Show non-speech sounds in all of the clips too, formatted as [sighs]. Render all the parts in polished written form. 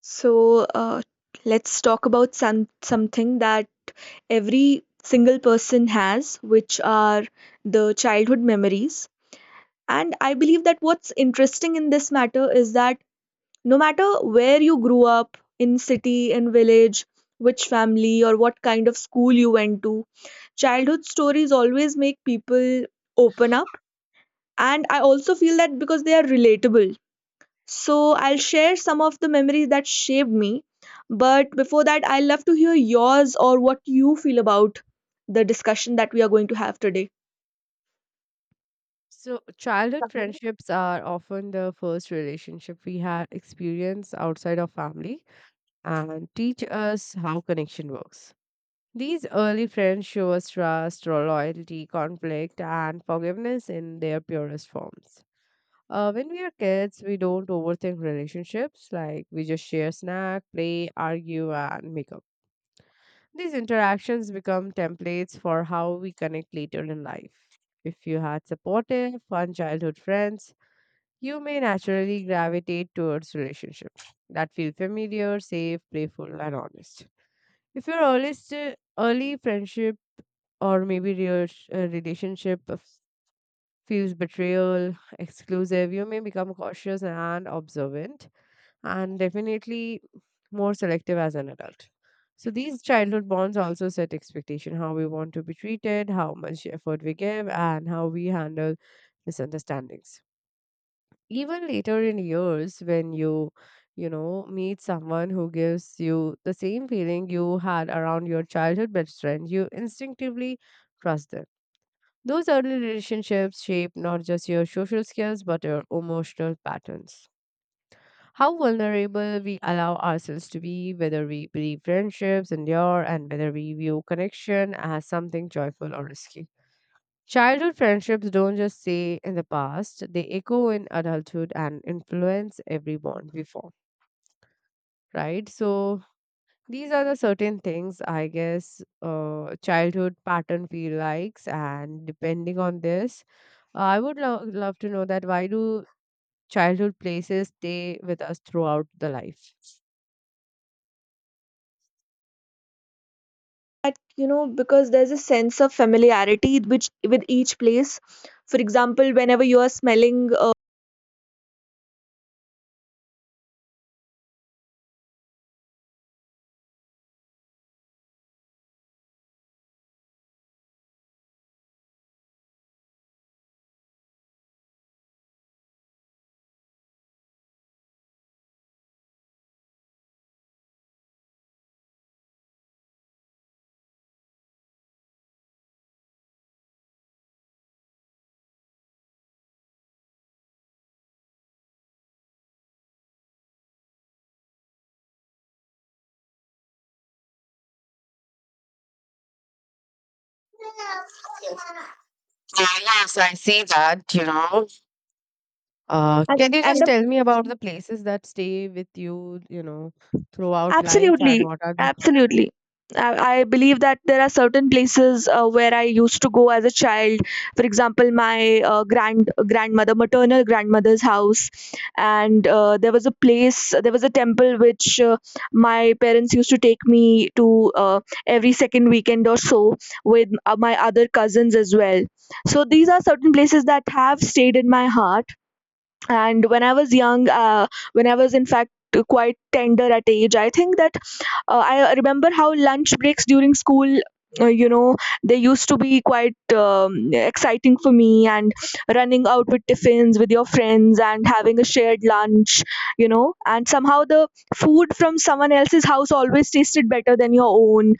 So let's talk about something that every single person has, which are the childhood memories. And I believe that what's interesting in this matter is that no matter where you grew up, in city, in village, which family or what kind of school you went to, childhood stories always make people open up. And I also feel that because they are relatable, so I'll share some of the memories that shaped me. But before that, I'd love to hear yours, or what you feel about the discussion that we are going to have today. So, childhood friendships are often the first relationship we had experience outside of family and teach us how connection works. These early friends show us trust, loyalty, conflict, and forgiveness in their purest forms. When we are kids, we don't overthink relationships, like we just share snack, play, argue, and make up. These interactions become templates for how we connect later in life. If you had supportive, fun childhood friends, you may naturally gravitate towards relationships that feel familiar, safe, playful, and honest. If your early friendship or maybe real relationship feels betrayal, exclusive, you may become cautious and observant, and definitely more selective as an adult. So these childhood bonds also set expectation how we want to be treated, how much effort we give, and how we handle misunderstandings. Even later in years, when you meet someone who gives you the same feeling you had around your childhood best friend, you instinctively trust them. Those early relationships shape not just your social skills but your emotional patterns. How vulnerable we allow ourselves to be, whether we believe friendships endure, and whether we view connection as something joyful or risky. Childhood friendships don't just stay in the past, they echo in adulthood and influence every bond we form, right? So, these are the certain things I guess childhood pattern we likes, and depending on this, I would love to know that why do childhood places stay with us throughout the life. That, you know, because there's a sense of familiarity which with each place. For example, whenever you are smelling, Yeah, yes, I see that, you know. Can you and just the tell me about the places that stay with you, you know, throughout life and Absolutely, what are the. absolutely. I believe that there are certain places where I used to go as a child. For example, my grandmother, maternal grandmother's house, and there was a place, there was a temple which my parents used to take me to every second weekend or so, with my other cousins as well. So these are certain places that have stayed in my heart. And when I was young, when I was in fact quite tender at age, I think that I remember how lunch breaks during school uh, you know they used to be quite exciting for me, and running out with tiffins with your friends and having a shared lunch. And somehow the food from someone else's house always tasted better than your own.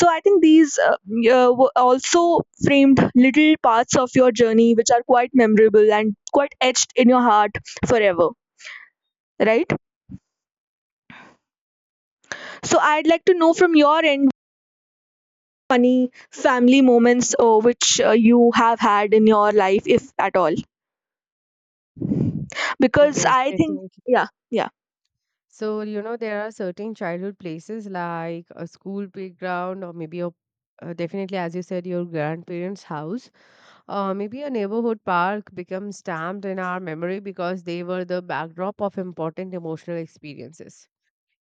So I think these were also framed little parts of your journey which are quite memorable and quite etched in your heart forever, right? So I'd like to know from your end funny family moments which you have had in your life, if at all? Because Yes, I think, definitely. yeah, yeah. So, you know, there are certain childhood places like a school playground or maybe a definitely, as you said, your grandparents' house. Maybe a neighborhood park becomes stamped in our memory because they were the backdrop of important emotional experiences.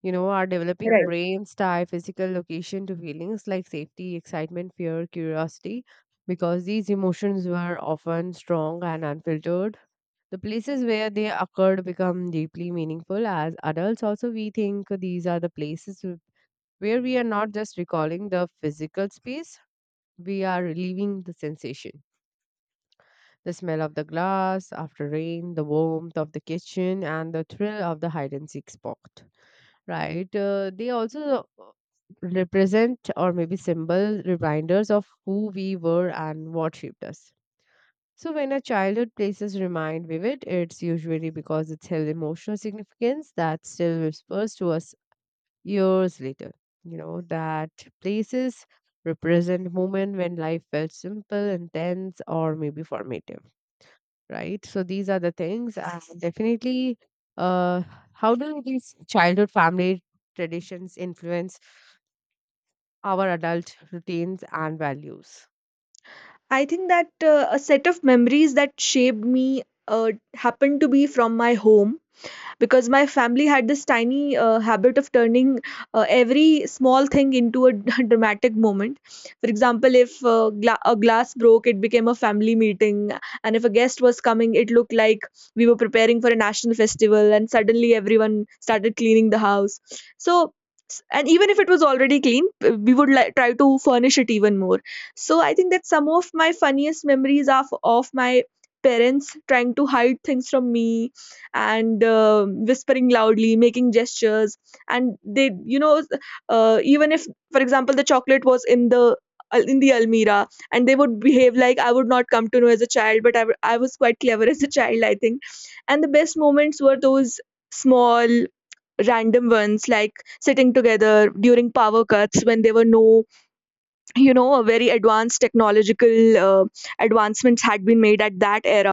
You know, our developing brains tie physical location to feelings like safety, excitement, fear, curiosity, because these emotions were often strong and unfiltered the places where they occurred become deeply meaningful. As adults, also, we think these are the places where we are not just recalling the physical space, we are reliving the sensation. The smell of the glass after rain, the warmth of the kitchen, and the thrill of the hide and seek spot. Right? They also represent or maybe symbol reminders of who we were and what shaped us. So, when a childhood places remain vivid, it's usually because it's held emotional significance that still whispers to us years later. You know, that places represent moment when life felt simple, intense, or maybe formative, right? So, these are the things. And definitely, uh, how do these childhood family traditions influence our adult routines and values? I think that a set of memories that shaped me happened to be from my home, because my family had this tiny habit of turning every small thing into a [laughs] dramatic moment. For example, if a glass broke, it became a family meeting, and if a guest was coming, it looked like we were preparing for a national festival, and suddenly everyone started cleaning the house. So and even if it was already clean, we would like try to furnish it even more. So I think that some of my funniest memories are of my parents trying to hide things from me, and whispering loudly, making gestures, and they you know even if, for example, the chocolate was in the almirah, and they would behave like I would not come to know as a child. But I was quite clever as a child, I think. And the best moments were those small random ones, like sitting together during power cuts, when there were no very advanced technological advancements had been made at that era.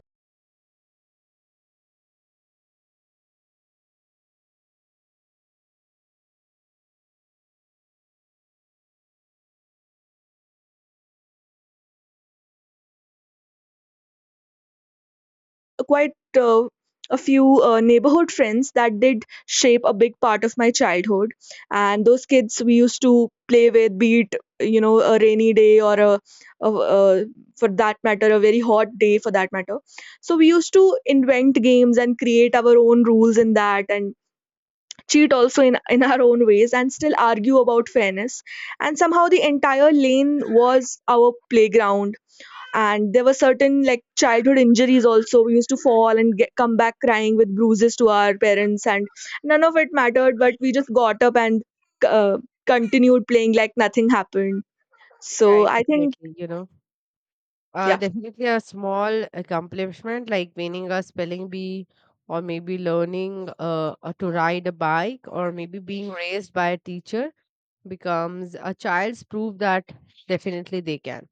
Quite uh, a few neighborhood friends that did shape a big part of my childhood, and those kids we used to play with, be it a rainy day or a for that matter a very hot day, for that matter. So we used to invent games and create our own rules in that, and cheat also in our own ways, and still argue about fairness. And somehow the entire lane was our playground. And there were certain like childhood injuries also. We used to fall and come back crying with bruises to our parents, and none of it mattered, but we just got up and uh, continued playing like nothing happened. So Right, I think, definitely, you know. Yeah. Definitely a small accomplishment like winning a spelling bee, or maybe learning to ride a bike, or maybe being raised by a teacher becomes a child's proof that definitely they can.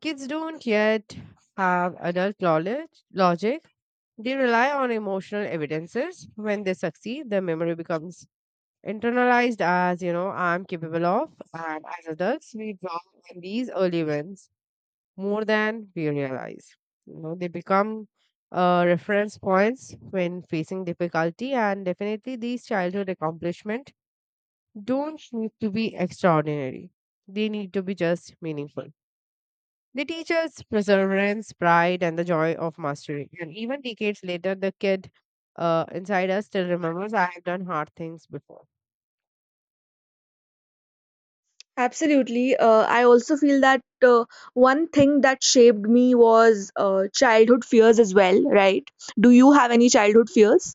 Kids don't yet have adult knowledge, logic. They rely on emotional evidences. When they succeed, their memory becomes internalized as, you know, I'm capable of. And as adults, we draw on these early wins more than we realize. You know, they become reference points when facing difficulty, and definitely these childhood accomplishment don't need to be extraordinary. They need to be just meaningful. They teach us perseverance, pride, and the joy of mastery. And even decades later, the kid inside us still remembers I have done hard things before. Absolutely. I also feel that one thing that shaped me was childhood fears as well, right? Do you have any childhood fears?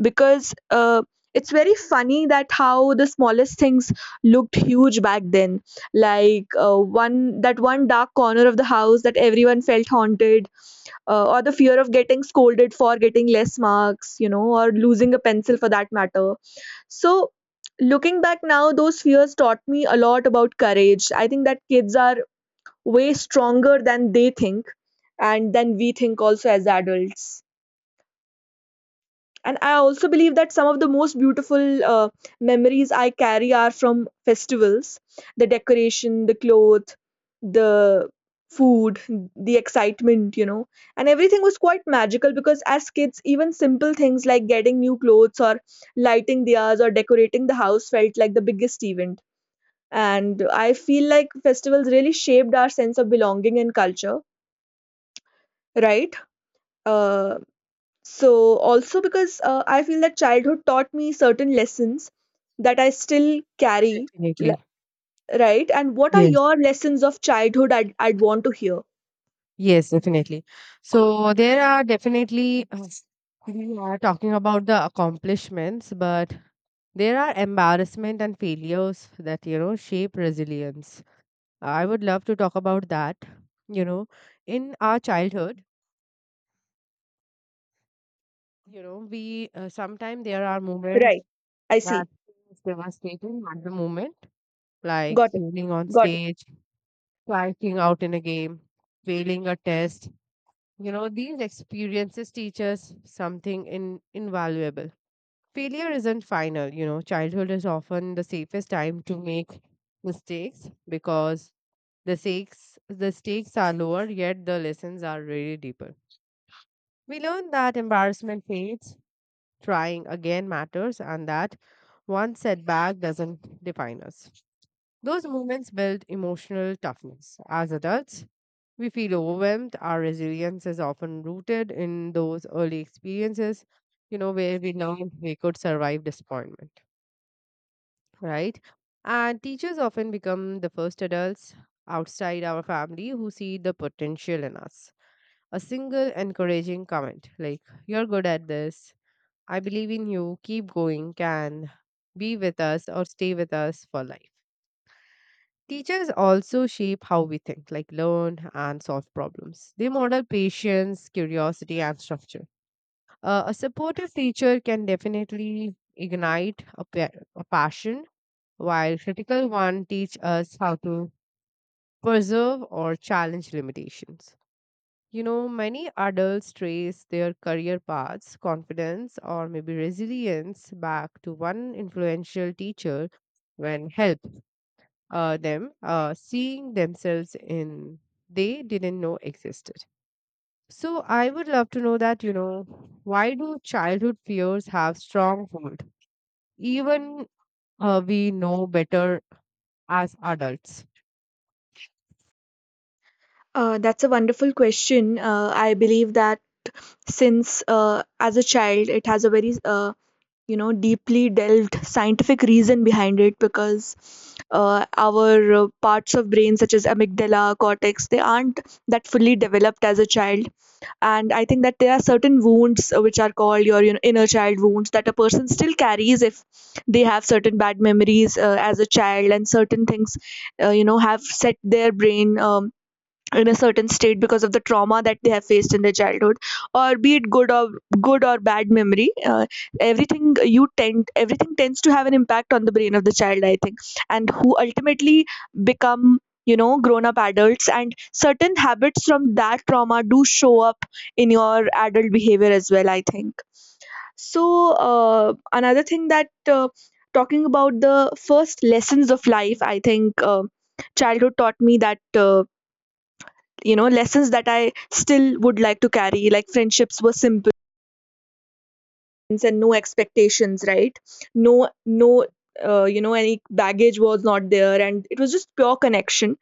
Because it's very funny that how the smallest things looked huge back then, like one that one dark corner of the house that everyone felt haunted, or the fear of getting scolded for getting less marks, or losing a pencil, for that matter. So looking back now, those fears taught me a lot about courage. I think that kids are way stronger than they think, and than we think also as adults. And I also believe that some of the most beautiful memories I carry are from festivals: the decoration, the cloth, the food, the excitement, and everything was quite magical, because as kids, even simple things like getting new clothes, or lighting diyas, or decorating the house felt like the biggest event. And I feel like festivals really shaped our sense of belonging and culture, right? uh, so, also, because I feel that childhood taught me certain lessons that I still carry, Definitely. l- right? And what are Yes. your lessons of childhood? I'd want to hear. Yes, definitely. So there are definitely, [sighs] we are talking about the accomplishments, but there are embarrassment and failures that, you know, shape resilience. I would love to talk about that. You know, in our childhood, you know, we sometimes there are moments Right. I that see. is devastating at the moment, like Got it. failing on Got it. stage, striking out in a game, failing a test. You know, these experiences teach us something invaluable. Failure isn't final, you know, childhood is often the safest time to make mistakes because the stakes are lower, yet the lessons are really deeper. We learn that embarrassment fades, trying again matters, and that one setback doesn't define us. Those moments build emotional toughness. As adults, we feel overwhelmed. Our resilience is often rooted in those early experiences, you know, where we learned we could survive disappointment, right? And teachers often become the first adults outside our family who see the potential in us. A single encouraging comment like, "You're good at this, I believe in you, keep going," can be with us or stay with us for life. Teachers also shape how we think, like learn and solve problems. They model patience, curiosity, and structure. A supportive teacher can definitely ignite a passion, while critical one teach us how to preserve or challenge limitations. You know, many adults trace their career paths, confidence, or maybe resilience back to one influential teacher when helped them seeing themselves in they didn't know existed. So I would love to know that, you know, why do childhood fears have strong hold? Even we know better as adults. That's a wonderful question. I believe that since, as a child, it has a very, deeply delved scientific reason behind it, because our parts of brain, such as amygdala, cortex, they aren't that fully developed as a child. And I think that there are certain wounds which are called your, inner child wounds, that a person still carries if they have certain bad memories as a child. And certain things have set their brain, in a certain state because of the trauma that they have faced in their childhood, or be it good or bad memory. Everything you tend everything tends to have an impact on the brain of the child, I think, and who ultimately become, grown up adults, and certain habits from that trauma do show up in your adult behavior as well, I think. So another thing, that uh, talking about the first lessons of life, I think childhood taught me that, uh, lessons that I still would like to carry, like friendships were simple, and no expectations, right? No, no, any baggage was not there, and it was just pure connection.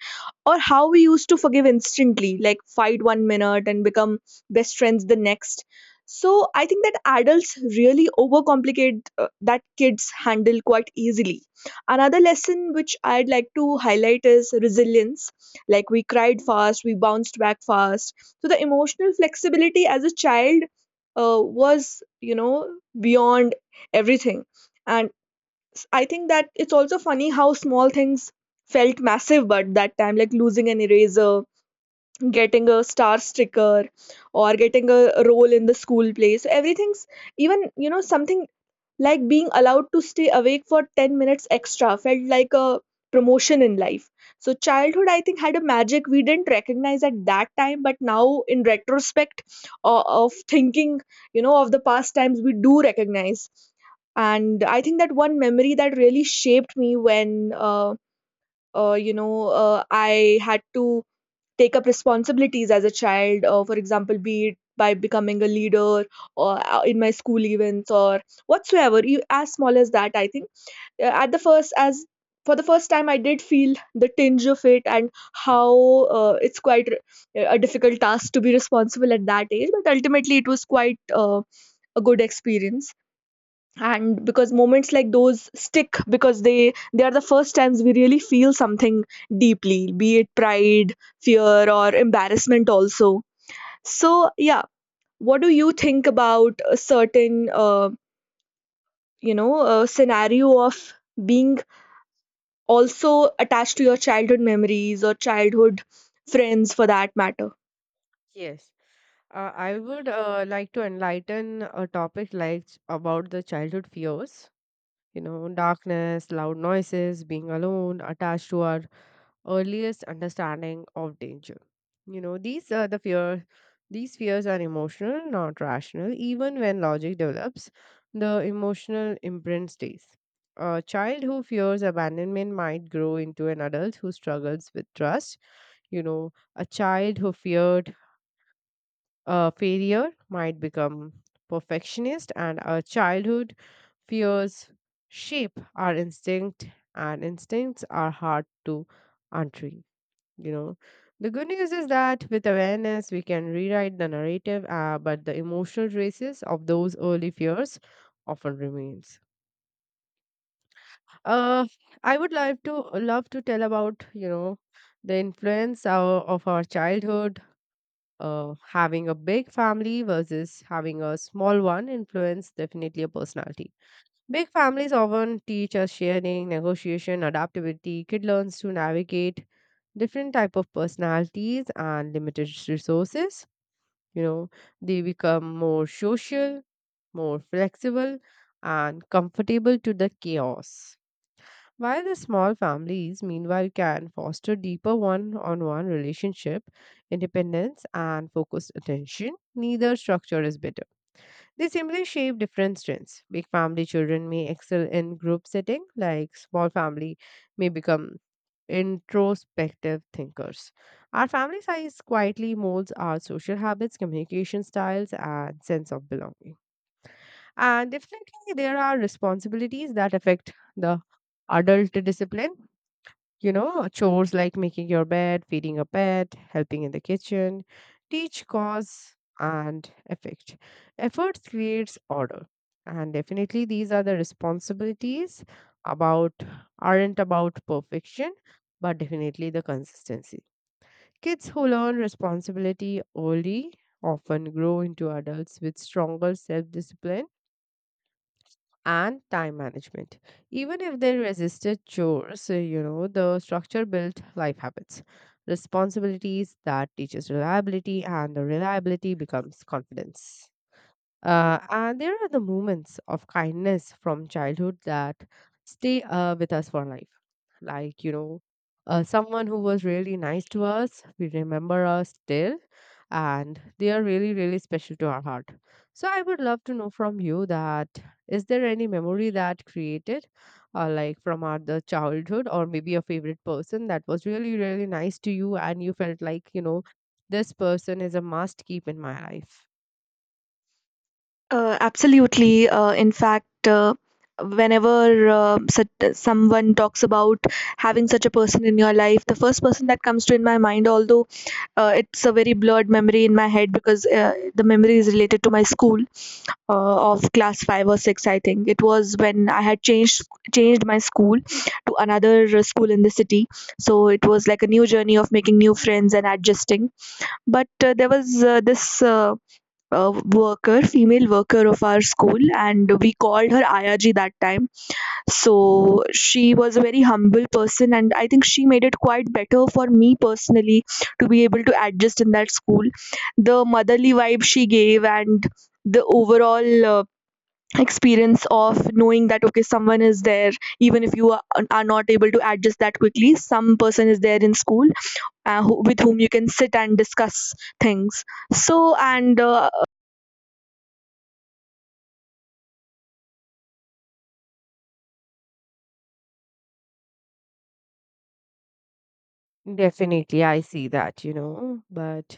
Or how we used to forgive instantly, like fight one minute and become best friends the next. So I think that adults really overcomplicate that kids handle quite easily. Another lesson which I'd like to highlight is resilience. Like we cried fast, we bounced back fast. So the emotional flexibility as a child, was, beyond everything. And I think that it's also funny how small things felt massive but that time, like losing an eraser, getting a star sticker, or getting a role in the school play. So everything's even, something like being allowed to stay awake for 10 minutes extra felt like a promotion in life. So, childhood, I think, had a magic we didn't recognize at that time, but now in retrospect of thinking, of the past times, we do recognize. And I think that one memory that really shaped me when, I had to take up responsibilities as a child, for example, be it by becoming a leader, or in my school events, or whatsoever, you as small as that, I think. At the first as for the first time I did feel the tinge of it, and how it's quite a difficult task to be responsible at that age, but ultimately it was quite a good experience. And because moments like those stick, because they are the first times we really feel something deeply, be it pride, fear, or embarrassment also. So, yeah, what do you think about a certain scenario of being also attached to your childhood memories or childhood friends, for that matter? Yes. I would like to enlighten a topic like about the childhood fears, you know, darkness, loud noises, being alone, attached to our earliest understanding of danger. You know, these are the fear. These fears are emotional, not rational. Even when logic develops, the emotional imprint stays. A child who fears abandonment might grow into an adult who struggles with trust. You know, a child who feared failure might become perfectionist, and our childhood fears shape our instinct, and instincts are hard to untreat. You know, the good news is that with awareness we can rewrite the narrative, but the emotional traces of those early fears often remains. Uh, i would like to love to tell about, you know, the influence of our childhood, having a big family versus having a small one influence definitely a personality. Big families often teach us sharing, negotiation, adaptability. Kid learns to navigate different type of personalities and limited resources. You know, they become more social, more flexible, and comfortable to the chaos. While the small families, meanwhile, can foster deeper one on one relationship, independence, and focused attention, neither structure is better. They simply shape different strengths. Big family children may excel in group setting, like small family may become introspective thinkers. Our family size quietly molds our social habits, communication styles, and sense of belonging. And definitely, there are responsibilities that affect the adult discipline. You know, chores like making your bed, feeding a pet, helping in the kitchen, teach cause and effect. Effort creates order. And definitely these are the responsibilities about aren't about perfection, but definitely the consistency. Kids who learn responsibility early often grow into adults with stronger self discipline and time management. Even if they resisted chores, you know, the structure built life habits, responsibilities that teaches reliability, and the reliability becomes confidence. And there are the moments of kindness from childhood that stay with us for life. Like, you know, someone who was really nice to us, we remember us still, and they are really, really special to our heart. So, I would love to know from you that is there any memory that created, like from our the childhood, or maybe a favorite person that was really, really nice to you, and you felt like, you know, this person is a must keep in my life? Absolutely. In fact, whenever, someone talks about having such a person in your life, the first person that comes to in my mind, although it's a very blurred memory in my head, because the memory is related to my school, of class five or six. I think it was when I had changed my school to another school in the city, so it was like a new journey of making new friends and adjusting. But there was this, worker, female worker of our school, and we called her Ayaji that time. So she was a very humble person, and I think she made it quite better for me personally to be able to adjust in that school. The motherly vibe she gave, and the overall experience of knowing that okay, someone is there, even if are not able to adjust that quickly, some person is there in school, with whom you can sit and discuss things. So, and Definitely, I see that, you know, but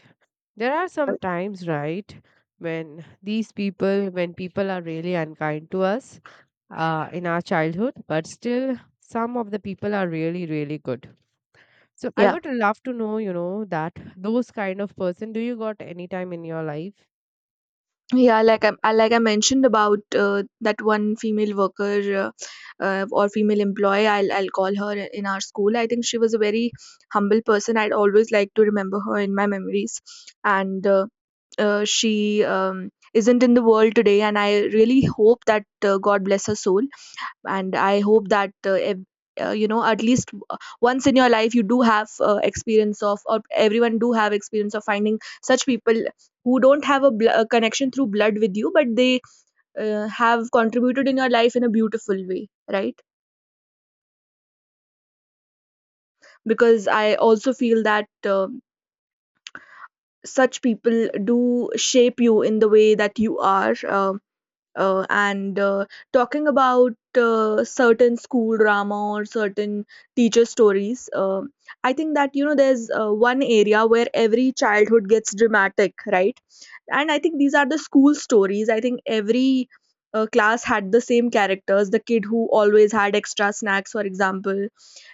there are some times, right, when these people, when people are really unkind to us in our childhood, but still some of the people are really, really good. So I Yeah, would love to know, you know, that those kind of person, do you got any time in your life? yeah, like like I mentioned about that one female worker or female employee, I'll call her in our school. I think she was a very humble person. I'd always like to remember her in my memories, and she isn't in the world today. And I really hope that God bless her soul, and I hope that you know, at least once in your life you do have experience of, or everyone do have experience of, finding such people who don't have a connection through blood with you, but they have contributed in your life in a beautiful way, right? Because I also feel that such people do shape you in the way that you are. And Talking about certain school drama or certain teacher stories, I think that, you know, there's one area where every childhood gets dramatic, right? And I think these are the school stories. I think every class had the same characters, the kid who always had extra snacks, for example,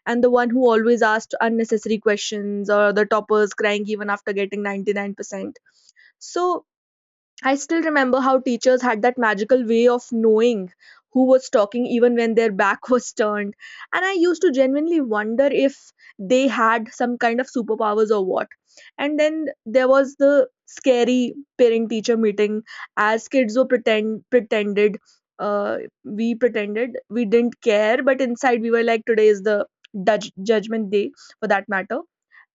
and the one who always asked unnecessary questions, or the toppers crying even after getting 99%. So I still remember how teachers had that magical way of knowing who was talking even when their back [laughs] was turned. And I used to genuinely wonder if they had some kind of superpowers or what. And then there was the scary parent teacher meeting, as kids were pretend pretended uh, we pretended we didn't care, but inside we were like, today is the judgment day, for that matter.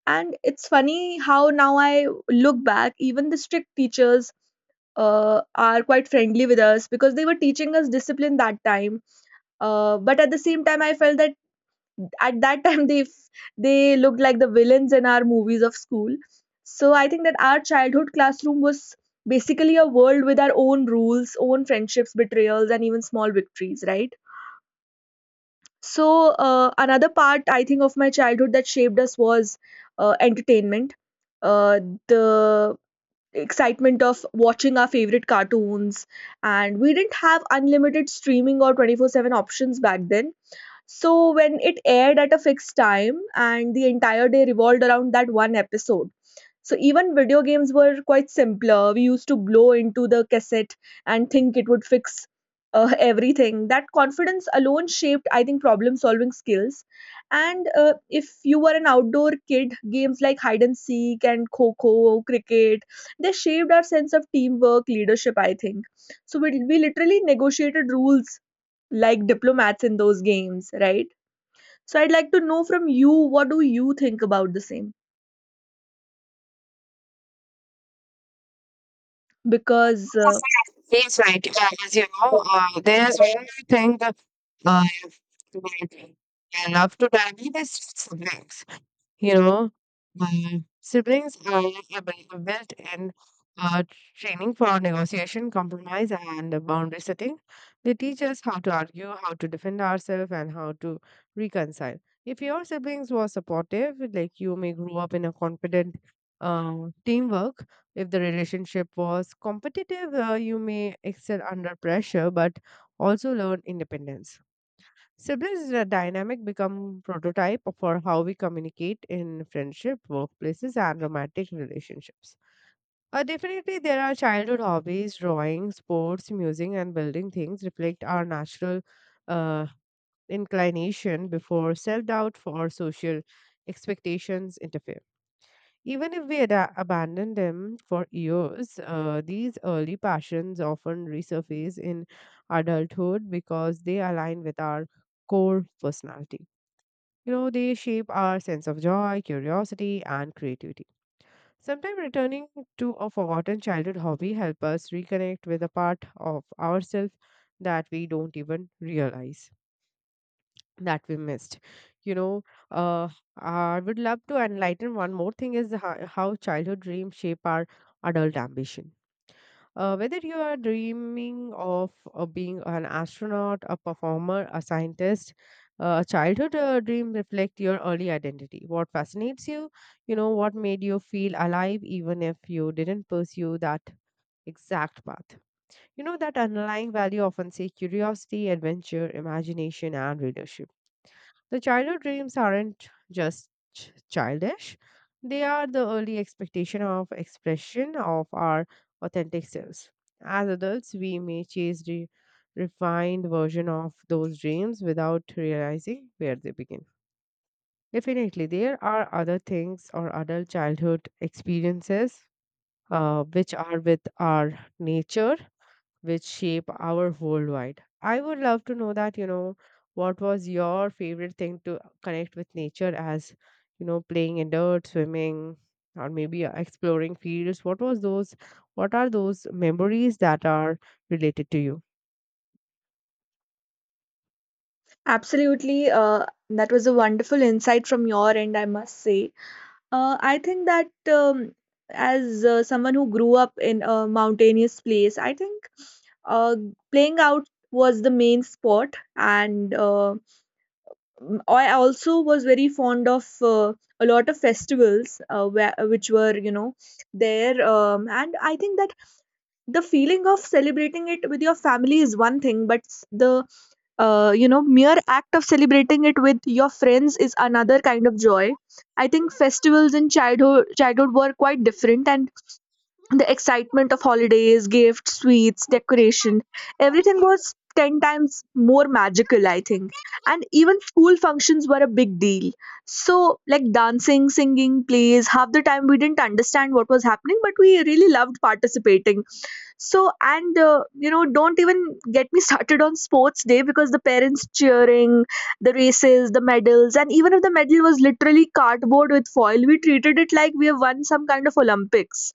And it's funny how now I look back, even the strict teachers are quite friendly with us because they were teaching us discipline that time. But at the same time, I felt that at that [laughs] time they looked like the villains in our movies of school. So I think that our childhood classroom was basically a world with our own rules, own friendships, betrayals, and even small victories, right? So, another part, I think, of my childhood that shaped us was entertainment. Uh, the excitement of watching our favorite cartoons, and we didn't have unlimited streaming or 24/7 options back then. So, when it aired at a fixed time and the entire day revolved around that one episode, so even video games were quite simpler. We used to blow into the cassette and think it would fix [laughs] everything. That confidence alone shaped, I think, problem solving skills. And if you were an outdoor kid, games like hide and seek and kho kho, cricket, they shaped our sense of teamwork, leadership, I think. So we literally negotiated rules like diplomats in those games, right? So I'd like to know from you, what do you think about the same? Because Yes, right. Yes, right. As you know, there is one more thing that uh, that I love to tell you this subjects. You know, my siblings are a built-in uh, training for negotiation, compromise, and boundary setting. They teach us how to argue, how to defend ourselves, and how to reconcile. If your siblings were supportive, like you may grow up in a confident uh, teamwork. If the relationship was competitive, you may excel under pressure, but also learn independence. Siblings is a dynamic become prototype for how we communicate in friendship, workplaces, and romantic relationships. Definitely, there are childhood hobbies, drawing, sports, music, and building things reflect our natural uh, inclination before self doubt or social expectations interfere. Even if we abandon them for years, these early passions often resurface in adulthood because they align with our core personality. You know, they shape our sense of joy, curiosity, and creativity. Sometimes returning to a forgotten childhood hobby help us reconnect with a part of ourselves that we don't even realize that we missed. You know, uh, I would love to enlighten one more thing is how childhood dreams shape our adult ambition, whether you are dreaming of being an astronaut, a performer, a scientist, a childhood dream reflect your early identity. What fascinates you, you know, what made you feel alive, even if you didn't pursue that exact path. You know that underlying value often say curiosity, adventure, imagination, and leadership. The childhood dreams aren't just childish, they are the early expectation of expression of our authentic selves. As adults, we may chase the refined version of those dreams without realizing where they begin. Definitely, there are other things or adult childhood experiences which are with our nature which shape our worldwide. I would love to know that, you know, what was your favorite thing to connect with nature as, you know, playing in dirt, swimming, or maybe exploring fields? What was those, what are those memories that are related to you? absolutely. That was a wonderful insight from your end, I must say. I think that, as someone who grew up in a mountainous place, I think uh, playing out was the main sport. And I also was very fond of a lot of festivals which were, you know, there. And I think that the feeling of celebrating it with your family is one thing, but s- the you know, mere act of celebrating it with your friends is another kind of joy. I think festivals in childhood were quite different, and the excitement of holidays, gifts, sweets, decoration, everything was 10 times more magical, I think. And even school functions were a big deal, so like dancing, singing, plays, half the time we didn't understand what was happening, but we really loved participating. So, and You know, don't even get me [laughs] started on sports day, because the parents cheering, the races, the medals, and even if the medal was literally cardboard with foil, we treated it like we have won some kind of Olympics.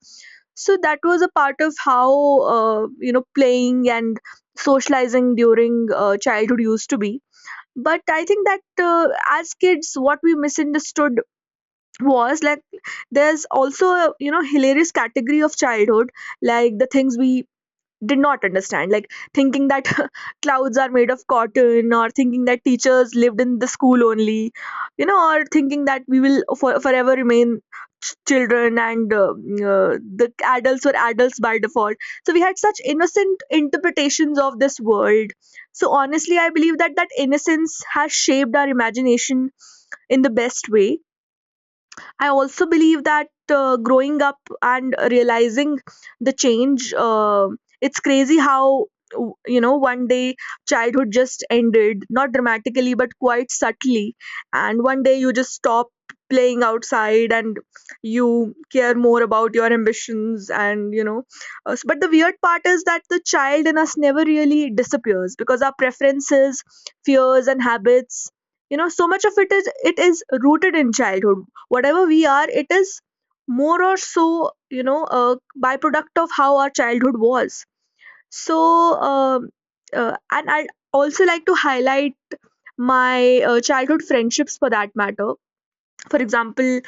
So, that was a part of how, you know, playing and socializing during childhood used to be. But I think that, as kids, what we misunderstood was like there's also a, you know, hilarious category of childhood, like the things we did not understand, like thinking that [laughs] clouds are made of cotton, or thinking that teachers lived in the school only, you know, or thinking that we will forever remain children, and the adults were adults by default. So we had such innocent interpretations of this world. So honestly, I believe that innocence has shaped our imagination in the best way. I also believe that, growing up and realizing the change, it's crazy how, you know, one day childhood just ended, not dramatically but quite subtly, and one day you just stop playing outside and you care more about your ambitions, and you know, but the weird part is that the child in us never really disappears, because our preferences, fears and habits, you know, so much of it is rooted in childhood. Whatever we are, it is more or so, you know, a byproduct of how our childhood was. So um, uh, and I'd also like to highlight my childhood friendships, for that matter. For example,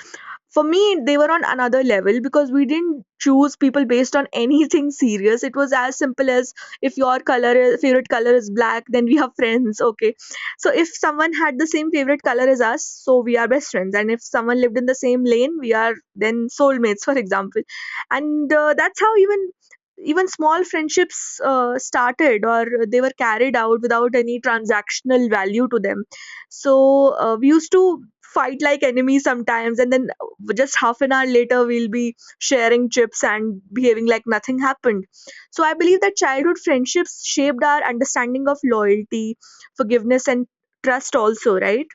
for me, they were on another level, because we didn't choose people based on anything serious. It was as simple as, if your favorite color is black, then we have friends. Okay, so if someone had the same favorite color as us, so we are best friends. And if someone lived in the same lane, we are then soulmates, [laughs] for example. And that's how even small friendships started, or they were carried out without any transactional value to them. So we used to fight like enemies sometimes, and then just half an hour later, we'll be sharing chips and behaving like nothing happened. So I believe that childhood friendships shaped our understanding of loyalty, forgiveness, and trust, also, right?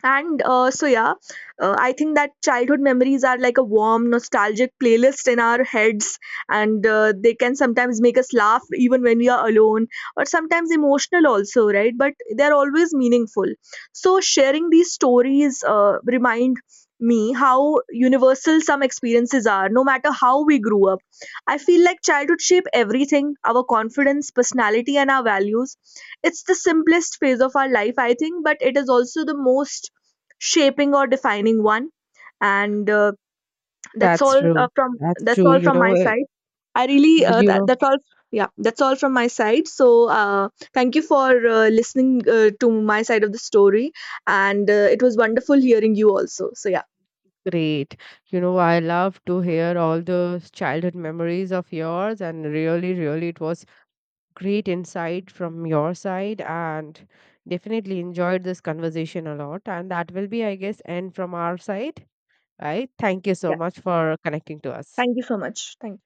And yeah, I think that childhood memories are like a warm, nostalgic playlist in our heads, and they can sometimes make us laugh even when we are alone, or sometimes emotional also, right? But they're always meaningful. So, sharing these stories remind me how universal some experiences are, no matter how we grew up. I feel like childhood shape everything, our confidence, personality, and our values. It's the simplest phase of our life, I think, but it is also the most shaping or defining one. And That's That's all, true. from That's that's true. all You from know, my side. I really the- you know, that's all. Yeah, that's all from my side. So thank you for listening to my side of the story, and it was wonderful hearing you also. So yeah. great. You know, I love to hear all those childhood memories of yours, and really, really, it was great insight from your side and definitely enjoyed this conversation a lot. And that will be, I guess, end from our side, right? Thank you so Yeah, much for connecting to us. thank you so much, thank